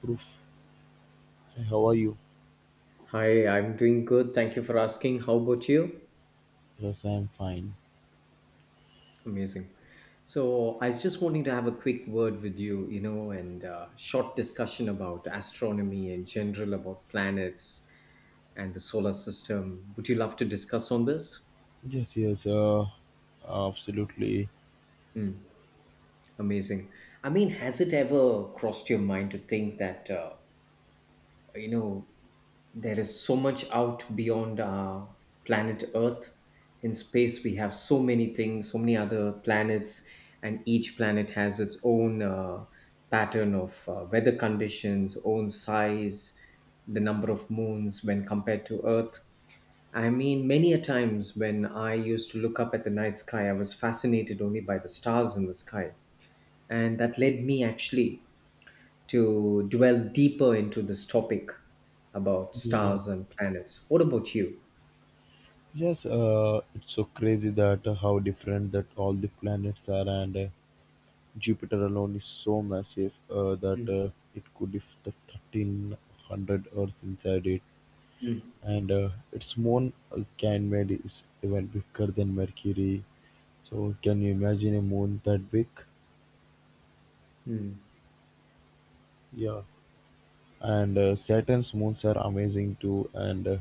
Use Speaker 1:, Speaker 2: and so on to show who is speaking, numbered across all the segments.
Speaker 1: Proof. Hey, how are you?
Speaker 2: Hi, I'm doing good. Thank you for asking. How about you?
Speaker 1: Yes, I'm fine.
Speaker 2: Amazing. So, I was just wanting to have a quick word with you, and short discussion about astronomy in general, about planets and the solar system. Would you love to discuss on this?
Speaker 1: Yes, yes, uh, Absolutely.
Speaker 2: Mm. Amazing. I mean, has it ever crossed your mind to think that, you know, there is so much out beyond planet Earth. In space, we have so many things, so many other planets, and each planet has its own pattern of weather conditions, own size, the number of moons when compared to Earth. I mean, many a times when I used to look up at the night sky, I was fascinated only by the stars in the sky, and that led me actually to dwell deeper into this topic about
Speaker 1: Yeah, yeah.
Speaker 2: stars and planets. What about you?
Speaker 1: Yes, it's so crazy that how different that all the planets are, and Jupiter alone is so massive that
Speaker 2: Mm.
Speaker 1: it could if the 1,300 Earths inside it,
Speaker 2: Mm.
Speaker 1: and its moon Ganymede is even bigger than Mercury. So, can you imagine a moon that big?
Speaker 2: Mm.
Speaker 1: Yeah. And Saturn's moons are amazing too, and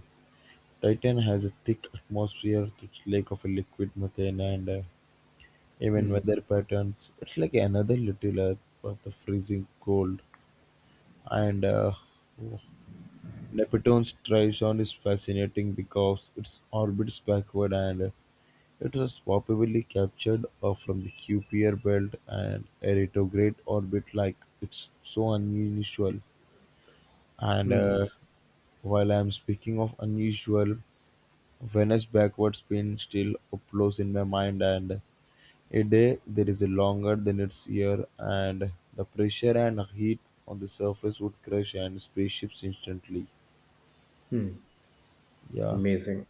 Speaker 1: Titan has a thick atmosphere, rich lake of a liquid methane, and even
Speaker 2: Mm.
Speaker 1: weather patterns. It's like another little Earth, but the freezing cold. And uh, oh, Neptune's trizone is fascinating because its orbits backward and it was probably captured from the Kuiper belt and a retrograde orbit like it's so unusual. And
Speaker 2: Mm.
Speaker 1: While I'm speaking of unusual, Venus backward spin still uploads in my mind and a day there is longer than its year and the pressure and heat on the surface would crush and spaceships instantly.
Speaker 2: Mm.
Speaker 1: Yeah.
Speaker 2: Amazing.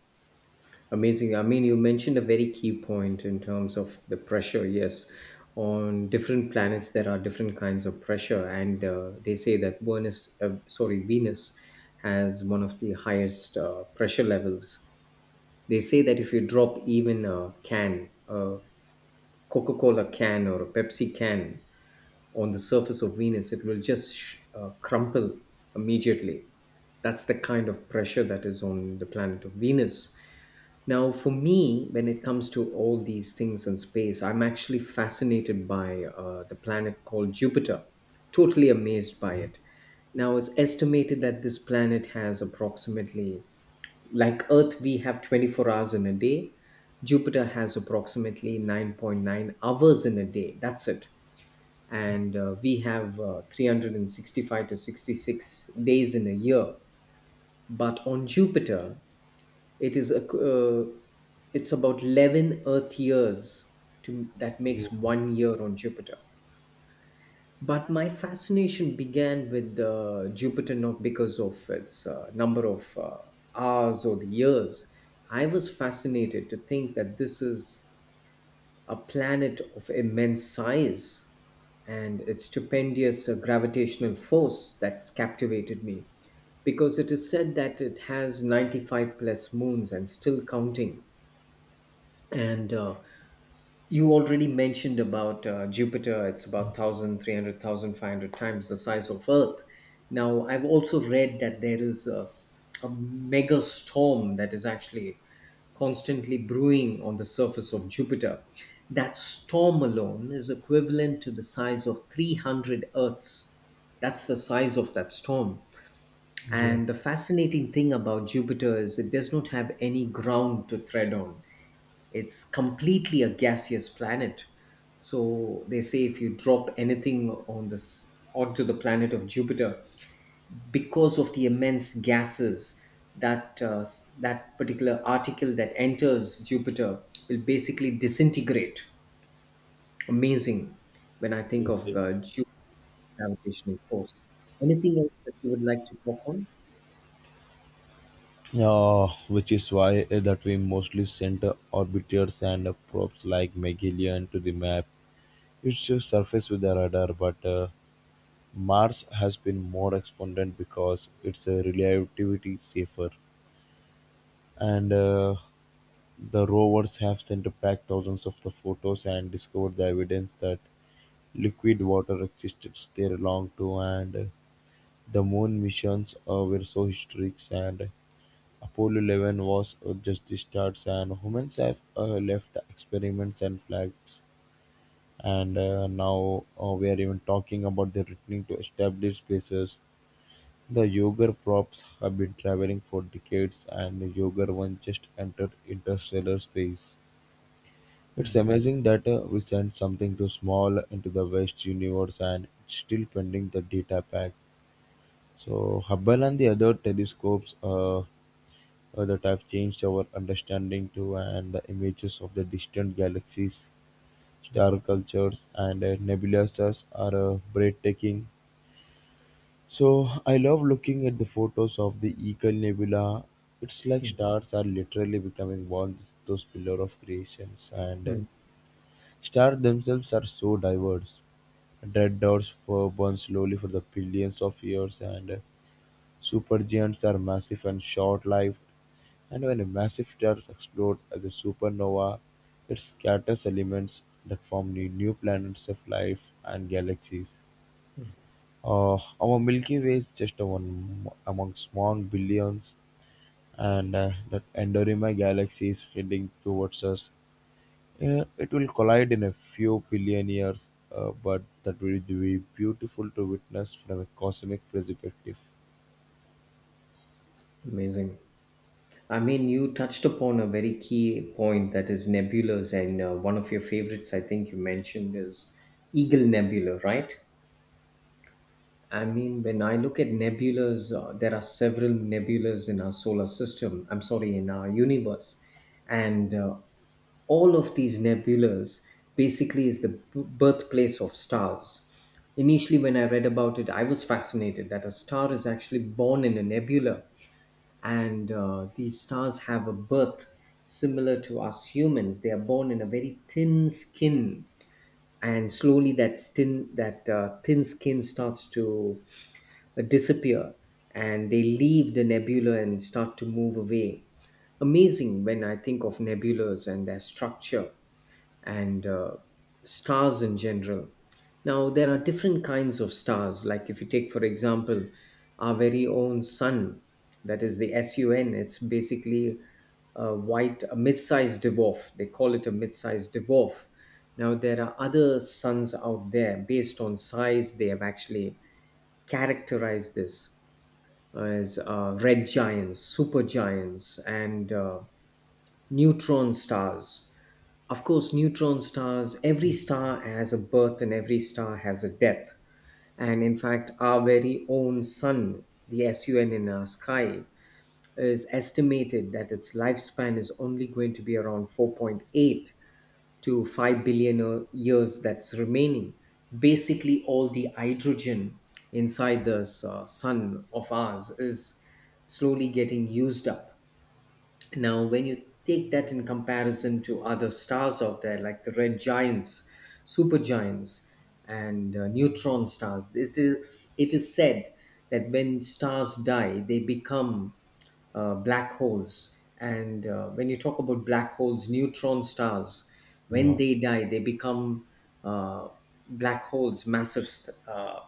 Speaker 2: Amazing. I mean, you mentioned a very key point in terms of the pressure. Yes, on different planets, there are different kinds of pressure, and they say that Venus, sorry, Venus, has one of the highest pressure levels. They say that if you drop even a can, a Coca Cola can or a Pepsi can on the surface of Venus, it will just crumple immediately. That's the kind of pressure that is on the planet of Venus. Now, for me, when it comes to all these things in space, I'm actually fascinated by the planet called Jupiter, totally amazed by it. Now, it's estimated that this planet has approximately, like Earth, we have 24 hours in a day. Jupiter has approximately 9.9 hours in a day. That's it. And we have 365 to 66 days in a year, but on Jupiter, it is a, uh, it's about 11 Earth years to that makes one year on Jupiter. But my fascination began with Jupiter, not because of its number of hours or the years. I was fascinated to think that this is a planet of immense size, and its stupendous gravitational force that's captivated me, because it is said that it has 95 plus moons and still counting. And you already mentioned about Jupiter. It's about 1,000 times the size of Earth. Now, I've also read that there is a mega storm that is actually constantly brewing on the surface of Jupiter. That storm alone is equivalent to the size of 300 Earths. That's the size of that storm.
Speaker 1: Yeah.
Speaker 2: And the fascinating thing about Jupiter is it does not have any ground to tread on. It's completely a gaseous planet. So they say if you drop anything on this onto the planet of Jupiter, because of the immense gases, that particular article that enters Jupiter will basically disintegrate. Amazing when I think of Jupiter gravitational force. Anything else that you would like to talk on?
Speaker 1: Yeah, which is why that we mostly send orbiters and probes like Magellan to the map. It's just surface with the radar, but Mars has been more expanded because its relativity safer, and the rovers have sent back thousands of the photos and discovered the evidence that liquid water existed there long too and the moon missions were so historic and Apollo 11 was just the start and humans have left experiments and flags and now we are even talking about the returning to established spaces. The Yoger props have been traveling for decades and Yoger 1 just entered interstellar space. It's amazing that we sent something too small into the vast universe and it's still pending the data pack. So Hubble and the other telescopes that have changed our understanding to and the images of the distant galaxies, star cultures, and nebulas are breathtaking. So I love looking at the photos of the Eagle Nebula. It's like
Speaker 2: Hmm.
Speaker 1: stars are literally becoming one those pillar of creations and.
Speaker 2: Hmm.
Speaker 1: Stars themselves are so diverse. Red dots burn slowly for the billions of years, and supergiants are massive and short-lived. And when a massive star explodes as a supernova, it scatters elements that form the new planets of life and galaxies. Uh, our Milky Way is just one among small billions, and that Andromeda galaxy is heading towards us, yeah, it will collide in a few billion years, but that will be beautiful to witness from a cosmic perspective.
Speaker 2: Amazing. I mean, you touched upon a very key point that is nebulas, and one of your favorites, I think you mentioned, is Eagle Nebula, right? I mean, when I look at nebulas, there are several nebulas in our solar system, I'm sorry, in our universe, and all of these nebulas basically is the birthplace of stars. Initially, when I read about it, I was fascinated that a star is actually born in a nebula, and these stars have a birth similar to us humans. They are born in a very thin skin, and slowly that thin skin starts to disappear, and they leave the nebula and start to move away. Amazing when I think of nebulas and their structure, and stars in general. Now, there are different kinds of stars. Like, if you take, for example, our very own sun, that is the SUN, it's basically a white, a mid sized dwarf. They call it a mid sized dwarf. Now, there are other suns out there based on size, they have actually characterized this as red giants, supergiants, and neutron stars. Of course, neutron stars, every star has a birth and every star has a death. And in fact, our very own sun, the SUN in our sky, is estimated that its lifespan is only going to be around 4.8 to 5 billion years that's remaining. Basically, all the hydrogen inside this sun of ours is slowly getting used up. Now, when you take that in comparison to other stars out there, like the red giants, supergiants, and neutron stars, it is said that when stars die, they become black holes. And when you talk about black holes, neutron stars, when
Speaker 1: Yeah,
Speaker 2: they die, they become uh, black holes,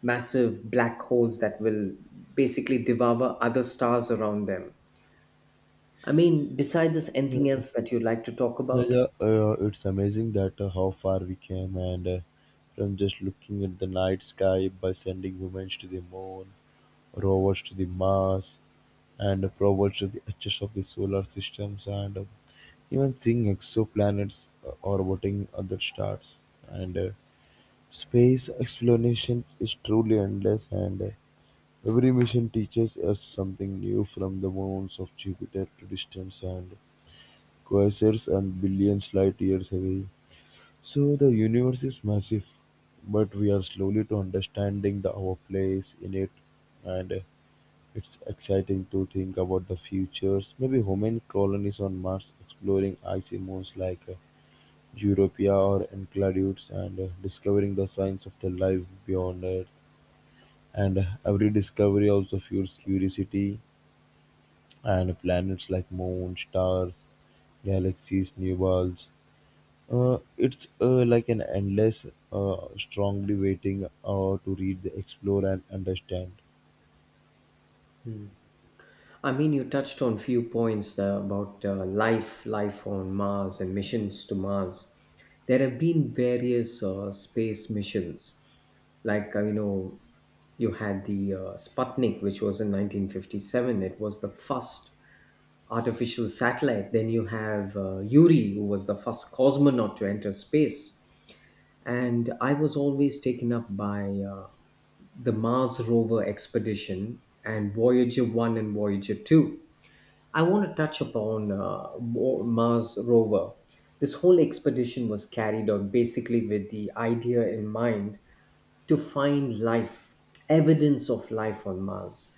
Speaker 2: massive black holes that will basically devour other stars around them. I mean, beside this,
Speaker 1: yeah,
Speaker 2: anything
Speaker 1: yeah.
Speaker 2: else that you'd like to talk
Speaker 1: yeah,
Speaker 2: about?
Speaker 1: yeah. Uh, It's amazing that how far we came, and from just looking at the night sky by sending women to the moon, rovers to the Mars, and probes to the edges of the solar systems, and even seeing exoplanets orbiting other stars, and space exploration is truly endless, and every mission teaches us something new from the moons of Jupiter to distant and quasars and billions light years away. So the universe is massive, but we are slowly to understanding the, our place in it, and it's exciting to think about the futures. Maybe human colonies on Mars, exploring icy moons like Europa or Enceladus, and discovering the signs of the life beyond Earth. And every discovery also fuels curiosity, and planets like moon, stars, galaxies, new worlds. It's like an endless, strongly waiting to read, explore, and understand.
Speaker 2: I mean, you touched on few points about life on Mars, and missions to Mars. There have been various space missions, like you had the Sputnik, which was in 1957. It was the first artificial satellite. Then you have Yuri, who was the first cosmonaut to enter space. And I was always taken up by the Mars rover expedition and Voyager 1 and Voyager 2. I want to touch upon Mars rover. This whole expedition was carried out basically with the idea in mind to find life, evidence of life on Mars.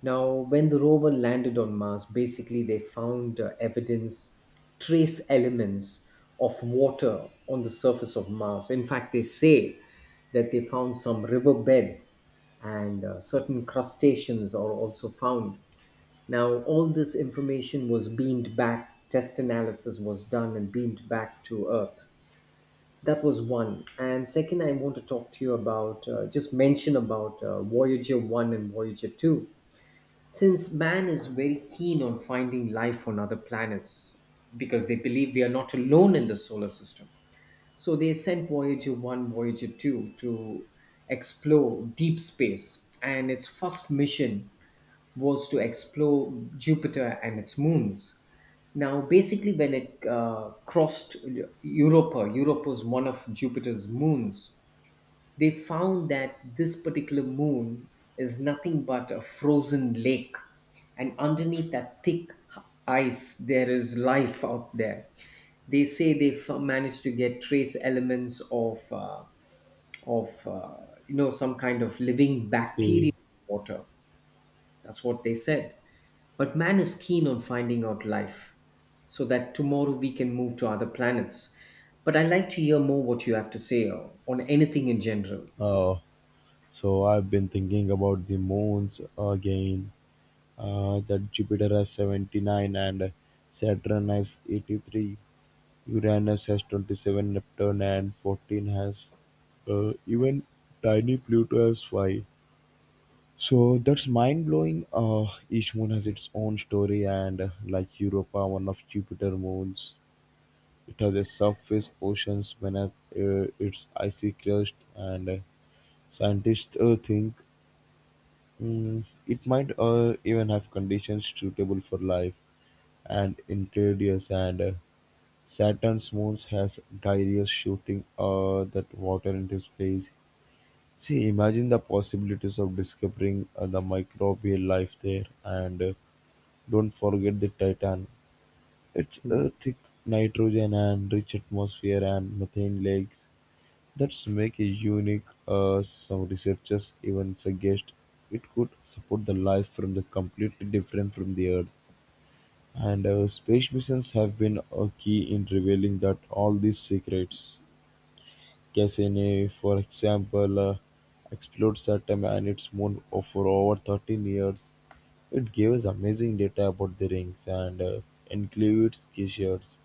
Speaker 2: Now, when the rover landed on Mars, basically they found evidence, trace elements of water on the surface of Mars. In fact, they say that they found some riverbeds, and certain crustaceans are also found. Now, all this information was beamed back, test analysis was done and beamed back to Earth. That was one. And second, I want to talk to you about just mention about Voyager 1 and Voyager 2. Since man is very keen on finding life on other planets because they believe we are not alone in the solar system, so they sent Voyager 1, Voyager 2 to explore deep space, and its first mission was to explore Jupiter and its moons. Now, basically, when it crossed Europa, Europa was one of Jupiter's moons, they found that this particular moon is nothing but a frozen lake. And underneath that thick ice, there is life out there. They say they've managed to get trace elements of some kind of living bacteria
Speaker 1: Okay.
Speaker 2: in water. That's what they said. But man is keen on finding out life, so that tomorrow we can move to other planets. But I like to hear more what you have to say on anything in general.
Speaker 1: Uh, so I've been thinking about the moons again. That Jupiter has 79 and Saturn has 83. Uranus has 27, Neptune and 14 has even tiny Pluto has five. So that's mind blowing. Each moon has its own story, and like Europa, one of Jupiter moons, it has a surface oceans beneath its icy crust, and scientists think it might even have conditions suitable for life and interiors and Saturn's moons has Darius shooting that water into space. See, imagine the possibilities of discovering the microbial life there, and don't forget the Titan. It's
Speaker 2: Hmm.
Speaker 1: a thick nitrogen and rich atmosphere and methane lakes. That's make it unique. Some researchers even suggest it could support the life from the completely different from the Earth. And Space missions have been a key in revealing that all these secrets. Cassini, for example, explored Saturn and its moon for over 13 years. It gave us amazing data about the rings and Euclid's glaciers.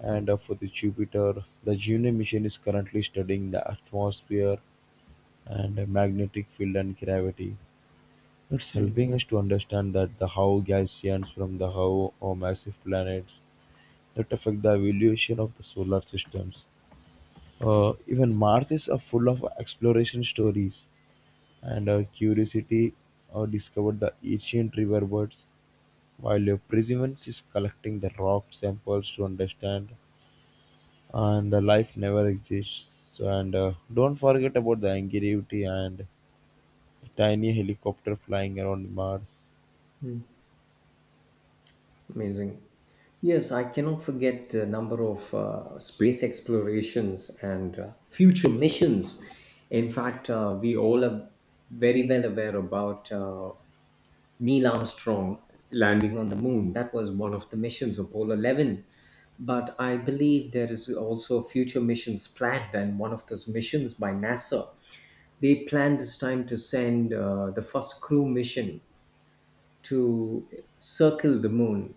Speaker 1: And For the Jupiter, the Juno mission is currently studying the atmosphere and magnetic field and gravity. It's
Speaker 2: Hmm.
Speaker 1: helping us to understand that the how gas giants from the how or massive planets that affect the evolution of the solar systems. Even Mars is full of exploration stories, and Curiosity discovered the ancient riverbeds, while Perseverance is collecting the rock samples to understand, and the life never exists. And don't forget about the Ingenuity and the tiny helicopter flying around Mars.
Speaker 2: Amazing. Yes, I cannot forget the number of space explorations and future missions. In fact, we all are very well aware about Neil Armstrong landing on the moon. That was one of the missions, Apollo 11. But I believe there is also future missions planned, and one of those missions by NASA, they plan this time to send the first crew mission to circle the moon,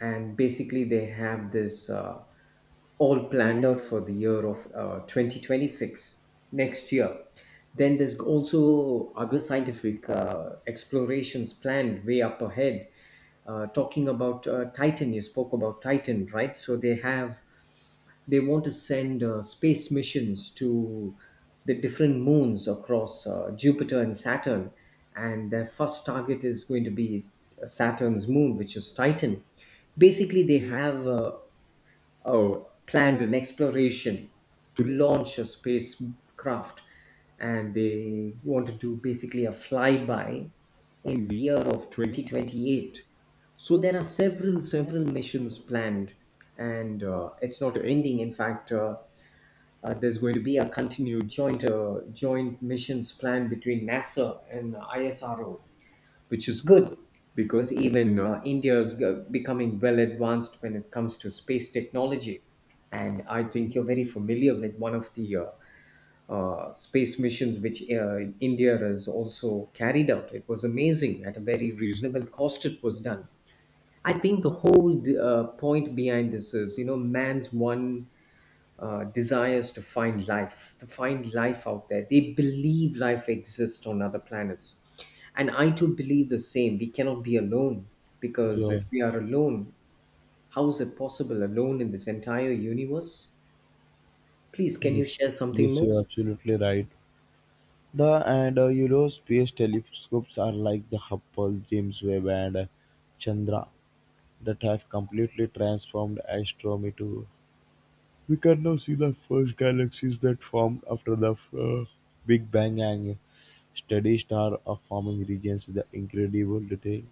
Speaker 2: and basically they have this all planned out for the year of 2026, next year. Then there's also other scientific explorations planned way up ahead. Talking about Titan, you spoke about Titan, right? So they want to send space missions to the different moons across Jupiter and Saturn. And their first target is going to be Saturn's moon, which is Titan. Basically, they have uh, planned an exploration to launch a spacecraft, and they want to do basically a flyby in the year of 2028. So there are several, several missions planned, and it's not ending. In fact, there's going to be a continued joint missions plan between NASA and ISRO, which is good because even India is becoming well advanced when it comes to space technology. And I think you're very familiar with one of the space missions which India has also carried out. It was amazing at a very reasonable cost. It was done. I think the whole point behind this is, man's one desires to find life out there. They believe life exists on other planets. And I too believe the same. We cannot be alone, because
Speaker 1: Yeah,
Speaker 2: if we are alone, how is it possible alone in this entire universe? Please, can you
Speaker 1: yes,
Speaker 2: share something
Speaker 1: yes, you're
Speaker 2: more?
Speaker 1: absolutely right. The and You know, space telescopes are like the Hubble, James Webb, and Chandra that have completely transformed astronomy too. We can now see the first galaxies that formed after the Big Bang and steady star of forming regions with the incredible detail.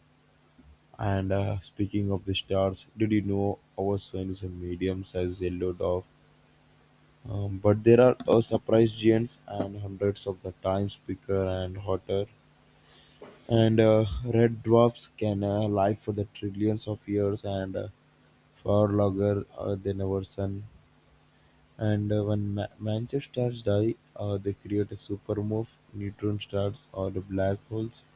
Speaker 1: And speaking of the stars, did you know our sun is a medium sized yellow dwarf? But there are surprise giants and hundreds of the times bigger and hotter. And red dwarfs can live for the trillions of years and far larger than our Sun, and when Mancher stars die, they create a supermove, neutron stars, or the black holes.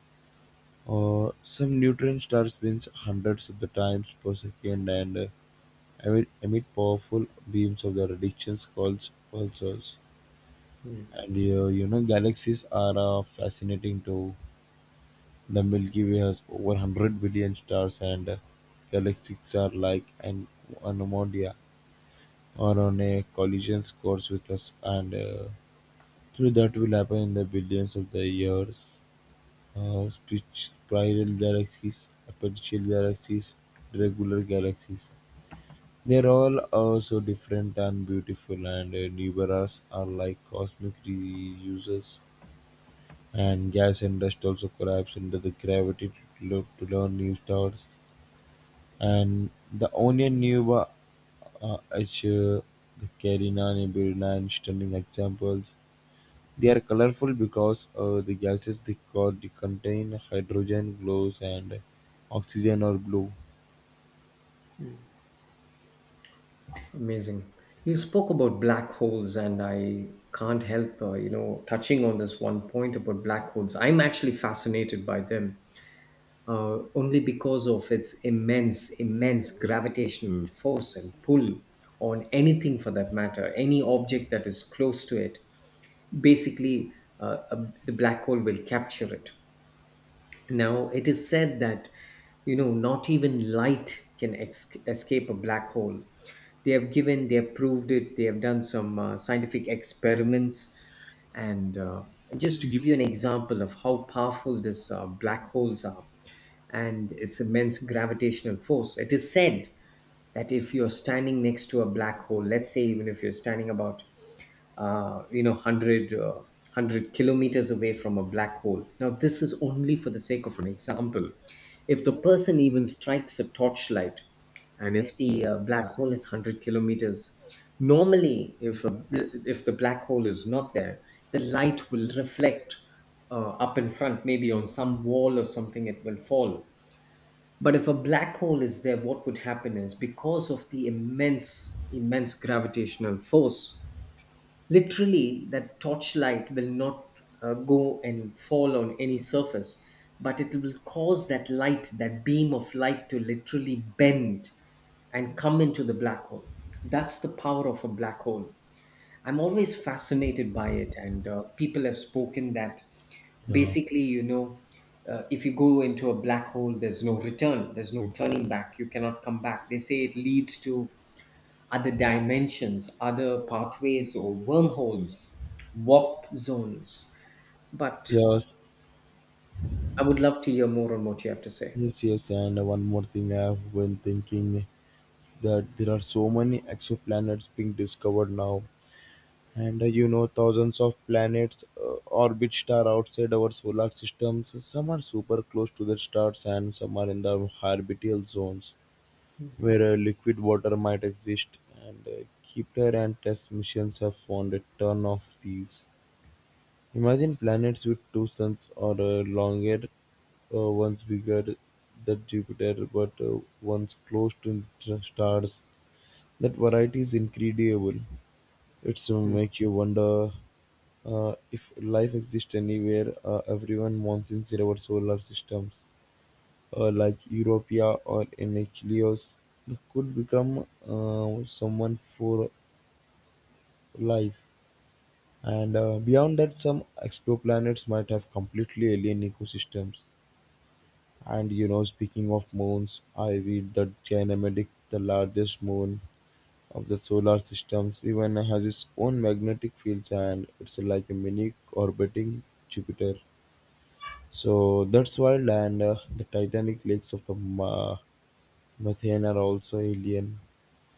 Speaker 1: Some neutron stars spins hundreds of the times per second and emit powerful beams of their radiations called pulsars. And you know, galaxies are fascinating too. The Milky Way has over 100 billion stars, and galaxies are like an anomalia or on a collision course with us, and through that will happen in the billions of the years. Speech Spiral galaxies, aperture galaxies, regular galaxies. They're all so different and beautiful, and Nibaras are like cosmic reusers, and gas and dust also collapse under the gravity to learn new stars. And the Onion Nuba Azure, the Carina Nebula, and stunning examples. They are colorful because the gases they contain hydrogen glows and oxygen are blue.
Speaker 2: Amazing. You spoke about black holes, and I can't help, touching on this one point about black holes. I'm actually fascinated by them. Only because of its immense, immense gravitational force and pull on anything, for that matter, any object that is close to it. Basically, the black hole will capture it. Now, it is said that, not even light can escape a black hole. They have given, they have proved it, they have done some scientific experiments. And Just to give you an example of how powerful these black holes are, and its immense gravitational force. It is said that if you're standing next to a black hole, let's say even if you're standing about 100 100 kilometers away from a black hole. Now this is only for the sake of an example. If the person even strikes a torchlight and if the black hole is 100 kilometers, normally if if the black hole is not there, the light will reflect up in front, maybe on some wall or something it will fall. But if a black hole is there, what would happen is, because of the immense, immense gravitational force, literally that torchlight will not go and fall on any surface, but it will cause that light, that beam of light to literally bend and come into the black hole. That's the power of a black hole. I'm always fascinated by it, and people have spoken that,
Speaker 1: Yeah.
Speaker 2: basically, if you go into a black hole, there's no return, there's no turning back, you cannot come back. They say it leads to other dimensions, other pathways, or wormholes, warp zones. But
Speaker 1: Yes.
Speaker 2: I would love to hear more on what you have to say.
Speaker 1: Yes. Yes. And one more thing I have been thinking is that there are so many exoplanets being discovered now. And you know, thousands of planets orbit stars outside our solar systems. Some are super close to their stars, and some are in the orbital zones where liquid water might exist. And Kepler and test missions have found a ton of these. Imagine planets with two suns or longer, one's bigger than Jupiter, but one's close to stars. That variety is incredible. It's
Speaker 2: Hmm.
Speaker 1: make you wonder if life exists anywhere. Everyone wants in our solar systems, like Europa or Enceladus, could become someone for life. And beyond that, some exoplanets might have completely alien ecosystems. And you know, speaking of moons, I read that Ganymede, the largest moon of the solar systems, even has its own magnetic fields and it's like a mini orbiting Jupiter. So that's wild. And the titanic lakes of the methane are also alien.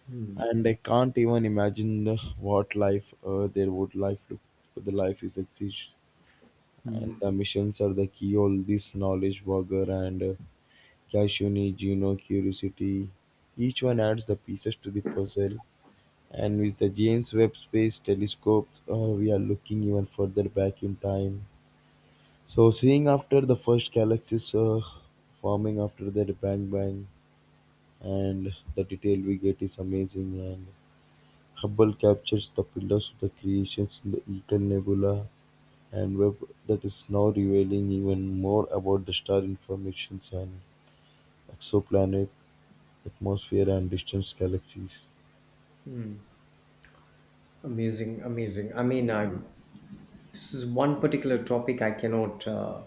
Speaker 2: Hmm.
Speaker 1: And I can't even imagine what life there would life look. The life is exist, and
Speaker 2: Hmm.
Speaker 1: the missions are the key. All this knowledge, Wagger and Yashuni, Gino, Curiosity, each one adds the pieces to the puzzle. And with the James Webb Space Telescope, we are looking even further back in time. So, seeing after the first galaxies forming after their bang bang, and the detail we get is amazing. And Hubble captures the pillars of the creations in the Eagle Nebula, and Webb that is now revealing even more about the star informations and exoplanet atmosphere and distant galaxies.
Speaker 2: Amazing, amazing. I mean, I am this is one particular topic I cannot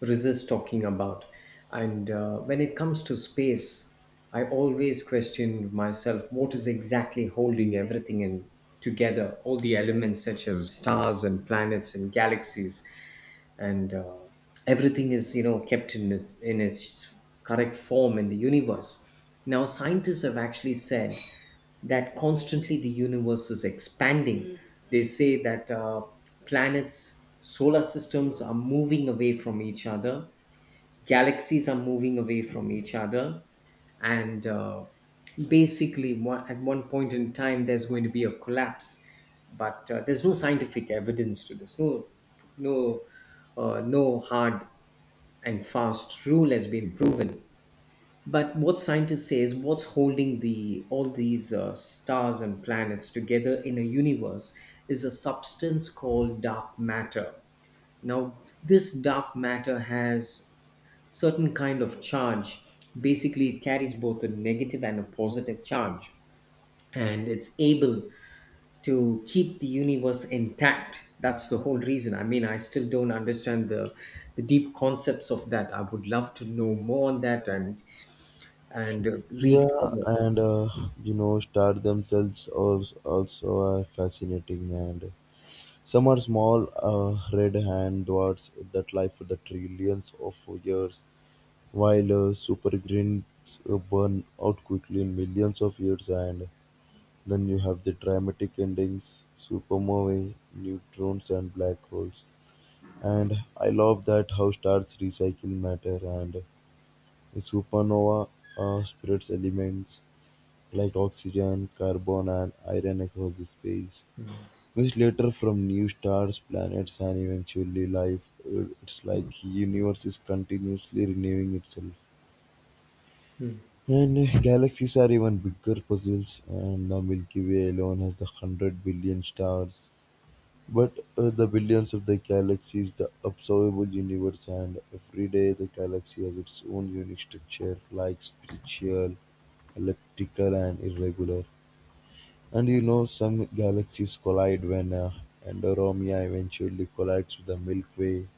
Speaker 2: resist talking about. And when it comes to space, I always question myself, what is exactly holding everything in together, all the elements such as stars and planets and galaxies, and everything, is kept in its correct form in the universe. Now scientists have actually said that constantly the universe is expanding. Mm. They say that planets, solar systems are moving away from each other, galaxies are moving away from each other, and basically at one point in time there's going to be a collapse, but there's no scientific evidence to this, no no hard and fast rule has been proven. But what scientists say is what's holding the all these stars and planets together in a universe is a substance called dark matter. Now, this dark matter has certain kind of charge. Basically, it carries both a negative and a positive charge, and it's able to keep the universe intact. That's the whole reason. I mean, I still don't understand the deep concepts of that. I would love to know more on that and and uh, read
Speaker 1: Yeah,
Speaker 2: further.
Speaker 1: and you know, stars themselves are also are fascinating. And some are small, red hand dwarfs that live for the trillions of years, while super greens burn out quickly in millions of years. And then you have the dramatic endings, supernovae, neutrons, and black holes. And I love that how stars recycle matter and a supernova spreads elements like oxygen, carbon, and iron across the space, which later from new stars, planets, and eventually life. It's like universe is continuously renewing itself. And galaxies are even bigger puzzles, and the Milky Way alone has the 100 billion stars. But the billions of the galaxies, the observable universe, and every day the galaxy has its own unique structure, like spiritual, elliptical, and irregular. And you know, some galaxies collide when Andromeda eventually collides with the Milky Way,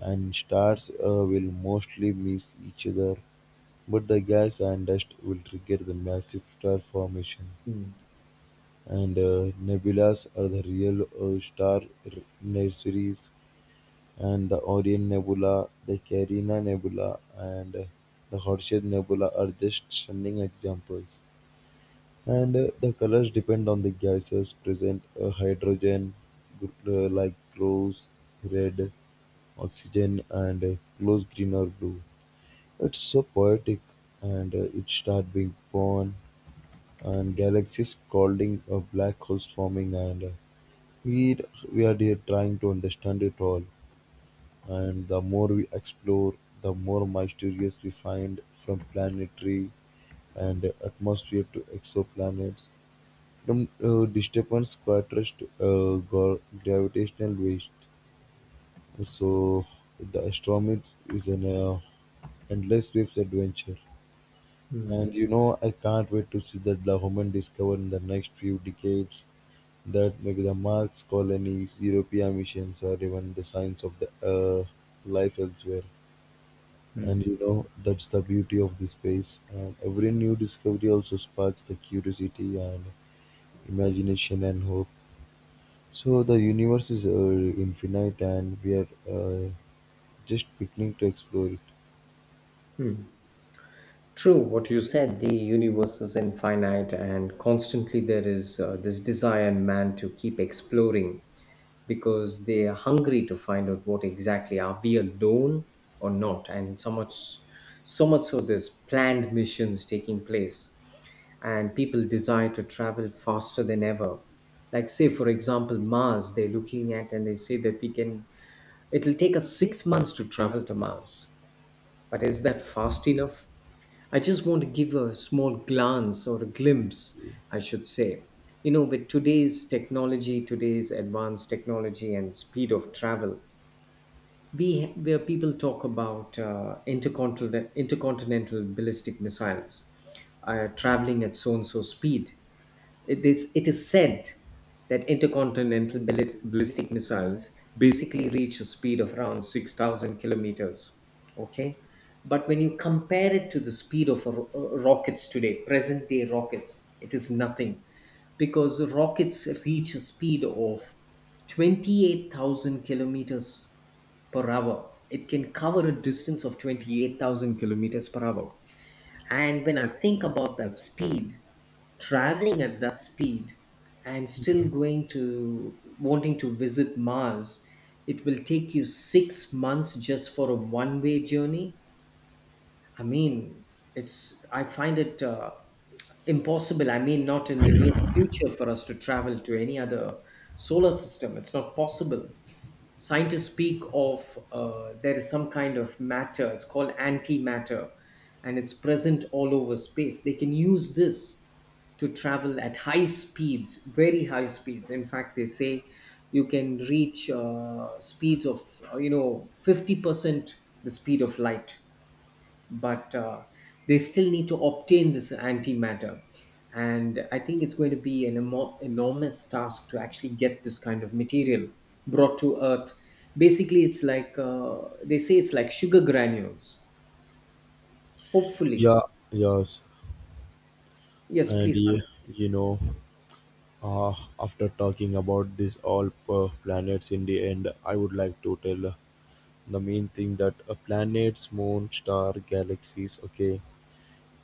Speaker 1: and stars will mostly miss each other, but the gas and dust will trigger the massive star formation.
Speaker 2: Mm.
Speaker 1: And nebulas are the real star nurseries, and the Orion Nebula, the Carina Nebula, and the Horsehead Nebula are just stunning examples. And the colors depend on the gases present. Hydrogen, like rose, red, oxygen, and close green or blue. It's so poetic, and it start being born, and galaxies calling, black holes forming, and we we are here trying to understand it all. And the more we explore, the more mysterious we find from planetary and atmosphere to exoplanets. Some disturbance contrasts gravitational waves. So the astronomy is an endless waves adventure. And you know, I can't wait to see that the human discover in the next few decades that maybe the Mars colonies, European missions, or even the signs of the life elsewhere. And
Speaker 2: Hmm.
Speaker 1: you know, that's the beauty of the space. And every new discovery also sparks the curiosity and imagination and hope. So the universe is infinite, and we are just beginning to explore it.
Speaker 2: True, what you said, the universe is infinite, and constantly there is this desire in man to keep exploring because they are hungry to find out what exactly, are we alone or not? And so much, so much so there's planned missions taking place, and people desire to travel faster than ever. Like, say for example, Mars, they're looking at, and they say that we can, it'll take us 6 months to travel to Mars. But is that fast enough? I just want to give a small glance or a glimpse, I should say. You know, with today's technology, today's advanced technology and speed of travel, we, where people talk about intercontinental ballistic missiles traveling at so and so speed. It is said that intercontinental ballistic missiles basically reach a speed of around 6,000 kilometers. Okay? But when you compare it to the speed of rockets today, present day rockets, it is nothing, because rockets reach a speed of 28,000 kilometers per hour. It can cover a distance of 28,000 kilometers per hour. And when I think about that speed, traveling at that speed and still going to wanting to visit Mars, it will take you 6 months just for a one way journey. I mean, it's I find it impossible. I mean, not in the near future for us to travel to any other solar system. It's not possible. Scientists speak of there is some kind of matter. It's called antimatter, and it's present all over space. They can use this to travel at high speeds, very high speeds. In fact, they say you can reach speeds of 50% the speed of light, but they still need to obtain this antimatter. And I think it's going to be an enormous task to actually get this kind of material brought to Earth. Basically, it's like they say it's like sugar granules. Hopefully,
Speaker 1: Yeah, yes.
Speaker 2: yes.
Speaker 1: And
Speaker 2: Please, continue.
Speaker 1: y- you know, uh, after talking about this all planets in the end, I would like to tell the main thing that planets, moon, star, galaxies, okay,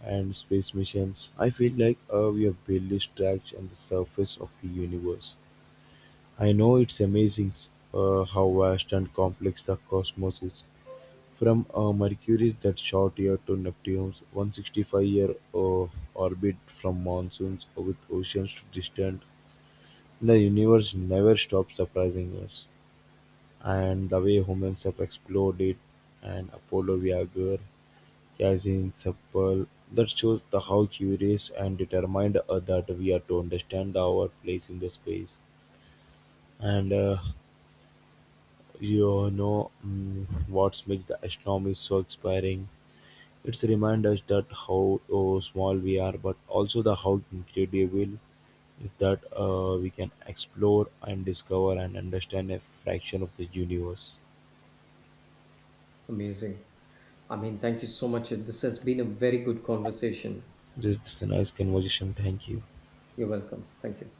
Speaker 1: and space missions. I feel like we have barely scratched on the surface of the universe. I know it's amazing how vast and complex the cosmos is, from Mercury's that short year to Neptune's 165-year orbit, from monsoons with oceans to distant, the universe never stops surprising us. And the way humans have explored it, and Apollo Voyager, Cassini, Supple, that shows the how curious and determined that we are to understand our place in the space. And you know, what makes the astronomy so inspiring, it's remind us that how oh, small we are, but also the how incredible is that we can explore and discover and understand a fraction of the universe.
Speaker 2: Amazing. I mean, thank you so much. This has been a very good conversation.
Speaker 1: This is a nice conversation. Thank you.
Speaker 2: You're welcome. Thank you.